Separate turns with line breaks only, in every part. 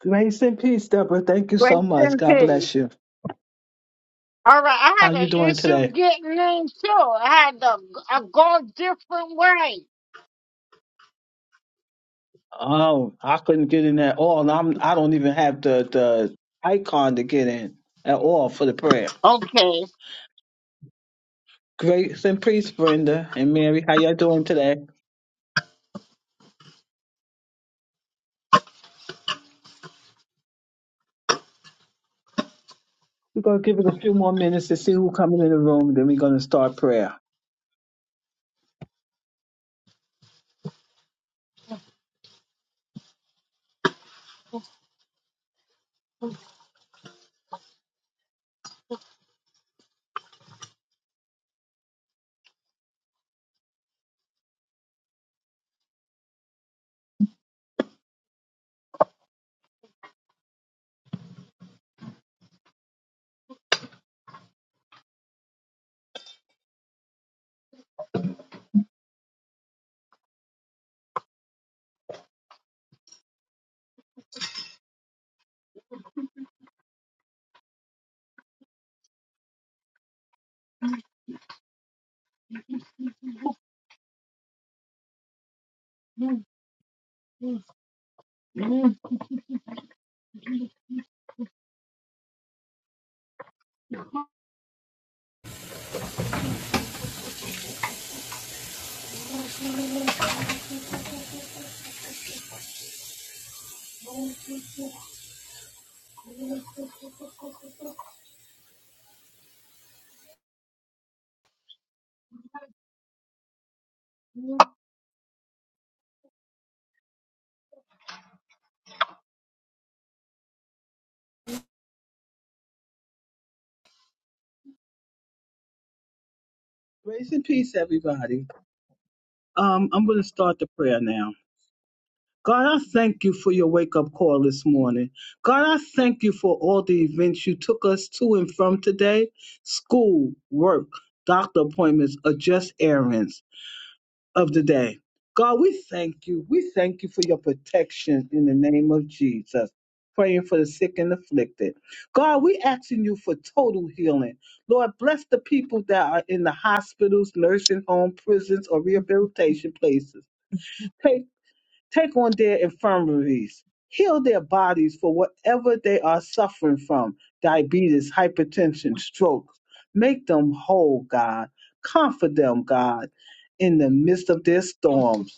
Grace and peace, Deborah. Thank you
Grace
so much.
and
God
peace.
bless you.
All right, I
How
had
you
an
doing
issue
today?
getting in too. I had to I go a different way.
Oh, I couldn't get in at all. and I'm I don't even have the the icon to get in at all for the prayer.
Okay,
Grace and peace, Brenda and Mary. How y'all doing today? We're gonna give it a few more minutes to see who coming in the room. Then we're gonna start prayer. Grace and peace, everybody. Um, I'm gonna start the prayer now. God, I thank you for your wake up call this morning. God, I thank you for all the events you took us to and from today school, work, doctor appointments, or just errands of the day. God, we thank you. We thank you for your protection in the name of Jesus. Praying for the sick and afflicted. God, we asking you for total healing. Lord, bless the people that are in the hospitals, nursing home, prisons, or rehabilitation places Take Take on their infirmities. Heal their bodies for whatever they are suffering from diabetes, hypertension, stroke. Make them whole, God. Comfort them, God, in the midst of their storms.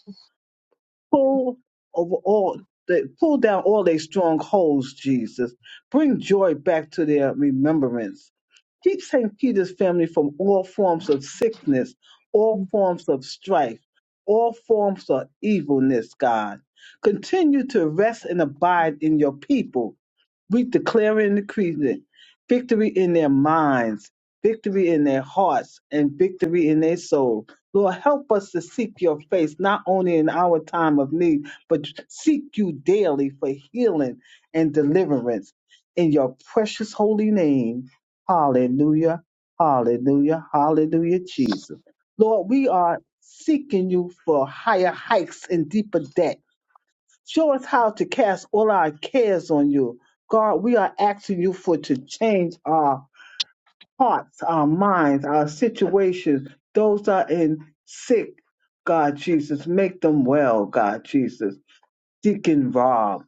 Pull over all the pull down all their strongholds, Jesus. Bring joy back to their remembrance. Keep St. Peter's family from all forms of sickness, all forms of strife, all forms of evilness, God. Continue to rest and abide in your people we declare and decree that victory in their minds, victory in their hearts, and victory in their soul. Lord, help us to seek your face, not only in our time of need, but seek you daily for healing and deliverance. In your precious holy name. Hallelujah. Hallelujah. Hallelujah, Jesus. Lord, we are seeking you for higher heights and deeper depths Show us how to cast all our cares on you. God, we are asking you for to change our hearts, our minds, our situations. Those that are in sick, God Jesus, make them well, God Jesus. Deacon Rob,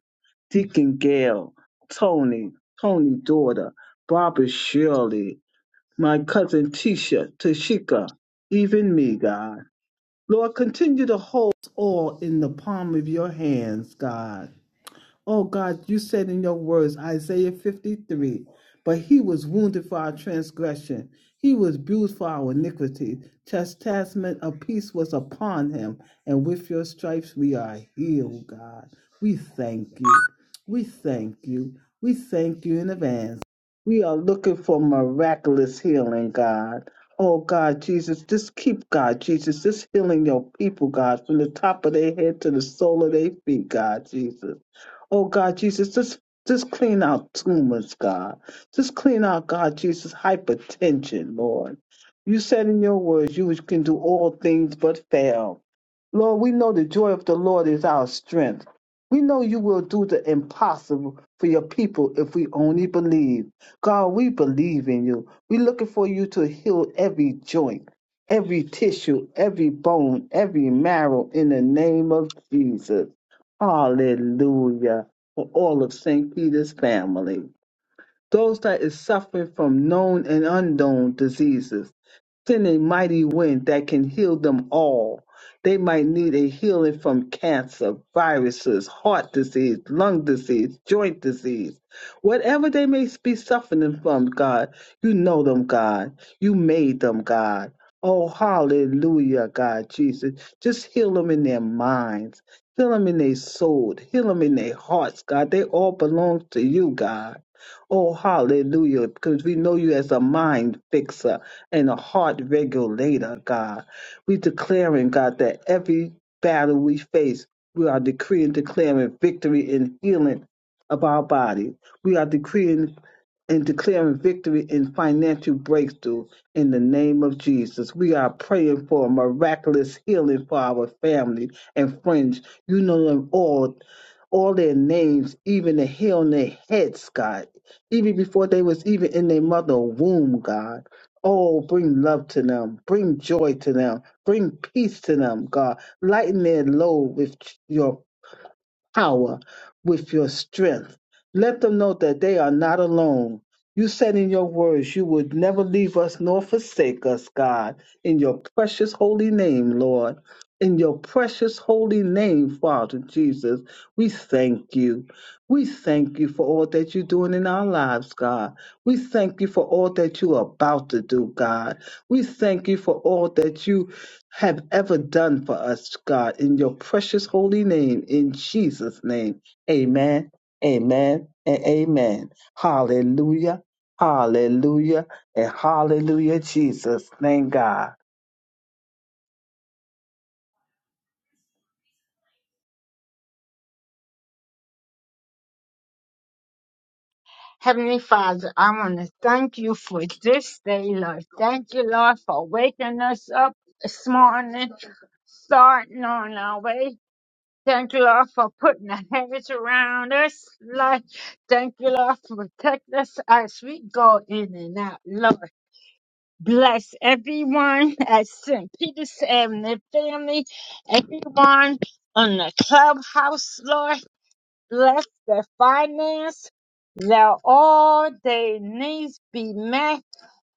Deacon Gail, Tony, Tony's daughter, Barbara Shirley, my cousin Tisha, Tashika, even me, God. Lord, continue to hold us all in the palm of your hands, God. Oh God, you said in your words, Isaiah 53, but he was wounded for our transgression, he was bruised for our iniquity. Chastisement of peace was upon him, and with your stripes we are healed, God. We thank you. We thank you. We thank you in advance. We are looking for miraculous healing, God. Oh God, Jesus, just keep God, Jesus, just healing your people, God, from the top of their head to the sole of their feet, God, Jesus. Oh God, Jesus, just just clean out tumors, God. Just clean out, God, Jesus, hypertension, Lord. You said in your words, you can do all things but fail. Lord, we know the joy of the Lord is our strength. We know you will do the impossible for your people if we only believe. God, we believe in you. We're looking for you to heal every joint, every tissue, every bone, every marrow in the name of Jesus. Hallelujah. For all of St. Peter's family. Those that is suffering from known and unknown diseases. Send a mighty wind that can heal them all. They might need a healing from cancer, viruses, heart disease, lung disease, joint disease. Whatever they may be suffering from, God, you know them, God. You made them, God. Oh, hallelujah, God, Jesus. Just heal them in their minds, heal them in their soul, heal them in their hearts, God. They all belong to you, God. Oh, hallelujah, because we know you as a mind fixer and a heart regulator, God. We declaring, God, that every battle we face, we are decreeing, declaring victory and healing of our body. We are decreeing and declaring victory and financial breakthrough in the name of Jesus. We are praying for a miraculous healing for our family and friends. You know them all all their names, even the hair on their heads, God, even before they was even in their mother womb, God. Oh, bring love to them, bring joy to them, bring peace to them, God. Lighten their load with your power with your strength. Let them know that they are not alone. You said in your words, you would never leave us nor forsake us, God, in your precious holy name, Lord. In your precious holy name, Father Jesus, we thank you. We thank you for all that you're doing in our lives, God. We thank you for all that you are about to do, God. We thank you for all that you have ever done for us, God, in your precious holy name, in Jesus' name. Amen, amen, and amen. Hallelujah, hallelujah, and hallelujah, Jesus. Thank God.
Heavenly Father, I want to thank you for this day, Lord. Thank you, Lord, for waking us up this morning, starting on our way. Thank you, Lord, for putting a hedge around us. Lord, thank you, Lord, for protecting us as we go in and out, Lord. Bless everyone at St. Peter's and their family, everyone on the clubhouse, Lord. Bless their finance, that all their needs be met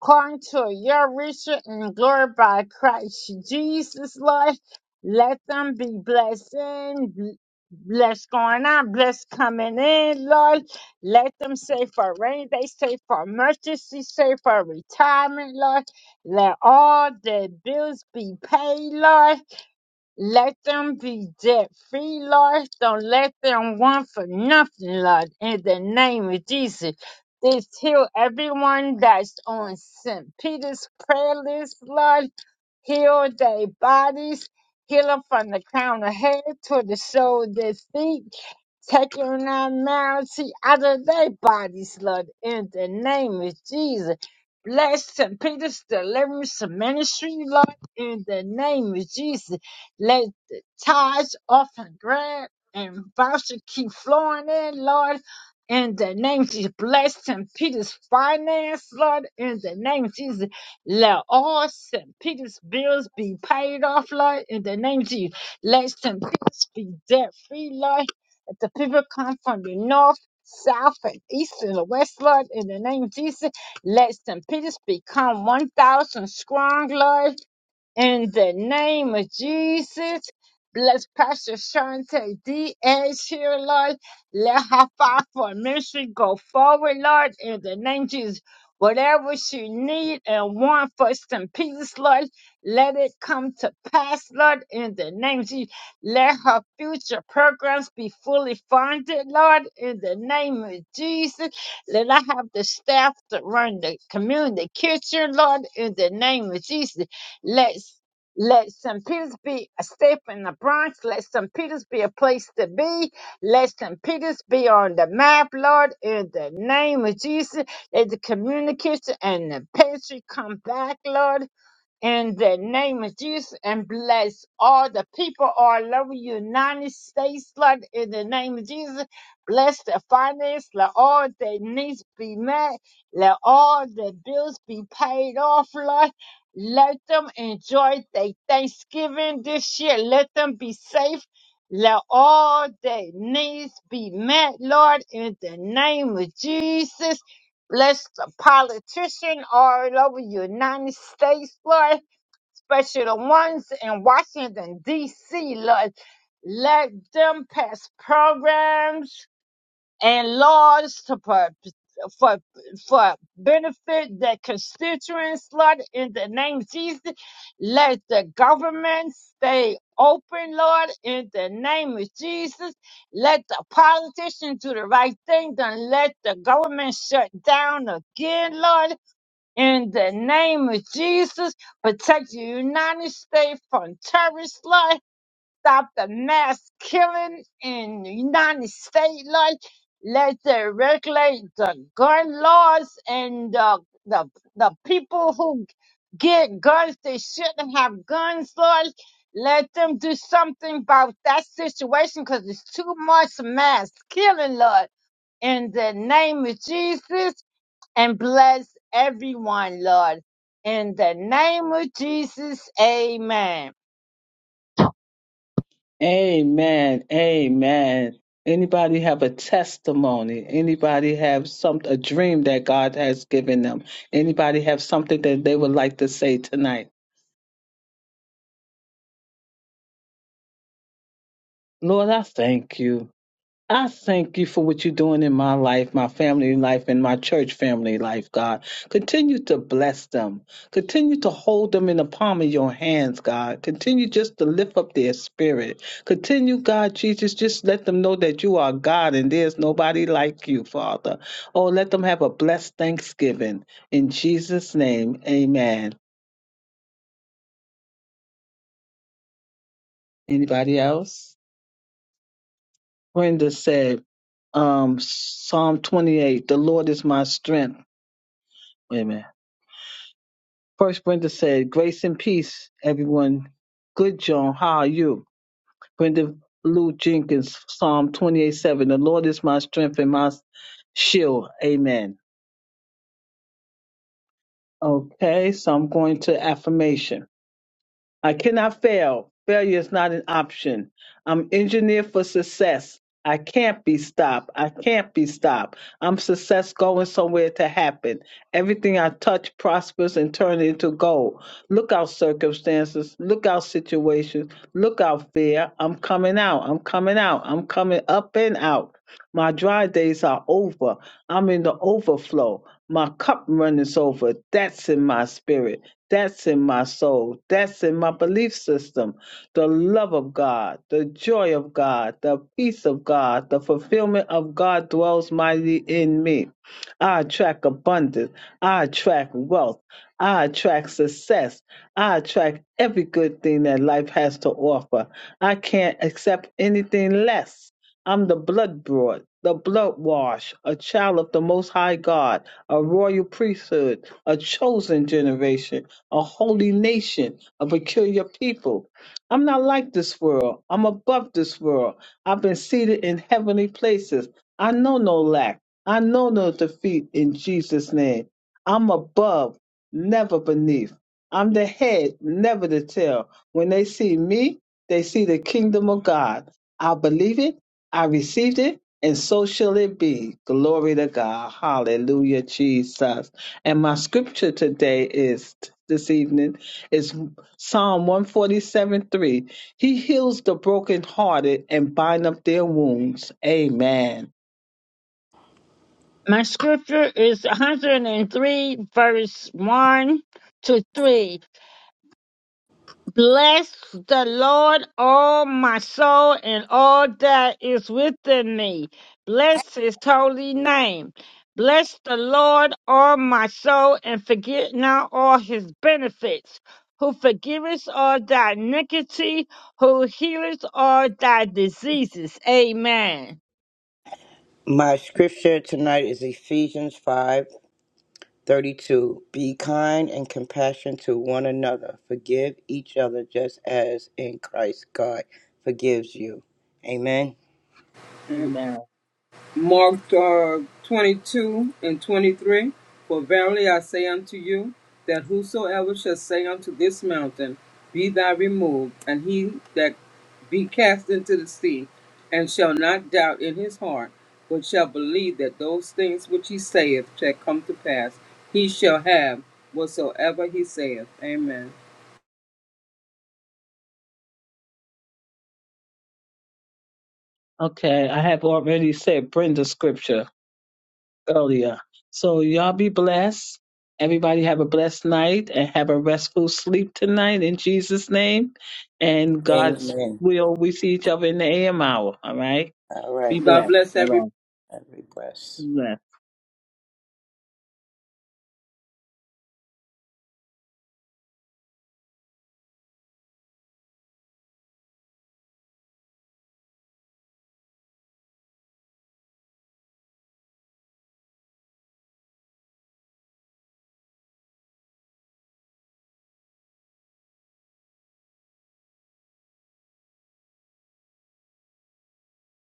according to your riches and glory by Christ Jesus, Lord. Let them be blessed in, bl- blessed going out, blessed coming in, Lord. Let them save for rain day, save for emergency, save for retirement, Lord. Let all their bills be paid, Lord. Let them be debt free, Lord. Don't let them want for nothing, Lord. In the name of Jesus. This heal everyone that's on St. Peter's prayer list, Lord. Heal their bodies. Heal them from the crown of head to the sole of their feet taking that malady out of their bodies, Lord, in the name of Jesus. Bless St. Peter's Deliverance Ministry, Lord, in the name of Jesus. Let the tithes, often grant, and voucher keep flowing in, Lord. In the name of Jesus, bless St. Peter's finance, Lord. In the name of Jesus, let all St. Peter's bills be paid off, Lord. In the name of Jesus, let St. Peter's be debt free, Lord that the people come from the north, south, and east, and the west, Lord, in the name of Jesus. Let St. Peter's become 1,000 strong, Lord. In the name of Jesus, bless Pastor Shante D. Edge here, Lord. Let her fight for ministry go forward, Lord, in the name of Jesus. Whatever she need and want for some peace, Lord, let it come to pass, Lord, in the name of Jesus. Let her future programs be fully funded, Lord, in the name of Jesus. Let her have the staff to run the community kitchen, Lord, in the name of Jesus. Let's let St. Peter's be a step in the Bronx. Let St. Peter's be a place to be. Let St. Peter's be on the map, Lord, in the name of Jesus. Let the communication and the pantry come back, Lord in the name of Jesus and bless all the people all over the United States, Lord, in the name of Jesus. Bless the finance, let all their needs be met, let all the bills be paid off, Lord. Let them enjoy their Thanksgiving this year. Let them be safe. Let all their needs be met, Lord, in the name of Jesus. Bless the politician all over the United States, Lord especially the ones in Washington, D.C., Lord. Let them pass programs and laws to pro- for for benefit their constituents, Lord, in the name of Jesus. Let the government stay open, Lord, in the name of Jesus. Let the politicians do the right thing. Don't let the government shut down again, Lord in the name of Jesus, protect the United States from terrorist life. Stop the mass killing in the United States life. Let them regulate the gun laws and the, the, the people who get guns, they shouldn't have guns laws. Let them do something about that situation because it's too much mass killing, Lord. In the name of Jesus, and bless everyone, Lord. In the name of Jesus, amen.
Amen, amen. Anybody have a testimony? Anybody have some a dream that God has given them? Anybody have something that they would like to say tonight? Lord, I thank you. I thank you for what you're doing in my life, my family life, and my church family life, God. Continue to bless them. Continue to hold them in the palm of your hands, God. Continue just to lift up their spirit. Continue, God Jesus, just let them know that you are God and there's nobody like you, Father. Oh, let them have a blessed Thanksgiving. In Jesus' name, amen. Anybody else? Brenda said, um, Psalm 28, the Lord is my strength. Wait a minute. First, Brenda said, Grace and peace, everyone. Good, John. How are you? Brenda Lou Jenkins, Psalm 28 7. The Lord is my strength and my shield. Amen. Okay, so I'm going to affirmation. I cannot fail. Failure is not an option. I'm engineered for success. I can't be stopped. I can't be stopped. I'm success going somewhere to happen. Everything I touch prospers and turns into gold. Look out circumstances. Look out situations. Look out fear. I'm coming out. I'm coming out. I'm coming up and out. My dry days are over. I'm in the overflow. My cup runneth over. That's in my spirit. That's in my soul. That's in my belief system. The love of God, the joy of God, the peace of God, the fulfillment of God dwells mightily in me. I attract abundance. I attract wealth. I attract success. I attract every good thing that life has to offer. I can't accept anything less. I'm the blood brought, the blood washed, a child of the Most High God, a royal priesthood, a chosen generation, a holy nation, a peculiar people. I'm not like this world. I'm above this world. I've been seated in heavenly places. I know no lack. I know no defeat in Jesus' name. I'm above, never beneath. I'm the head, never the tail. When they see me, they see the kingdom of God. I believe it. I received it, and so shall it be. Glory to God. Hallelujah, Jesus. And my scripture today is this evening is Psalm 147 3. He heals the brokenhearted and bind up their wounds. Amen.
My scripture is 103, verse 1 to 3. Bless the Lord, all my soul, and all that is within me. Bless his holy name. Bless the Lord, all my soul, and forget not all his benefits, who forgiveth all thy iniquity, who healeth all thy diseases. Amen.
My scripture tonight is Ephesians five thirty-two. Be kind and compassionate to one another. Forgive each other just as in Christ God forgives you. Amen.
Amen.
Mark uh, 22 and 23. For verily I say unto you, that whosoever shall say unto this mountain, Be thou removed, and he that be cast into the sea, and shall not doubt in his heart, but shall believe that those things which he saith shall come to pass, he shall have whatsoever he saith. Amen.
Okay, I have already said Brenda's scripture. earlier. So y'all be blessed. Everybody have a blessed night and have a restful sleep tonight in Jesus' name. And God's
Amen.
will, we see each other in the AM hour. All right.
All
Be
right.
God
blessed.
bless
All
everybody.
right.
Every bless.
Be blessed.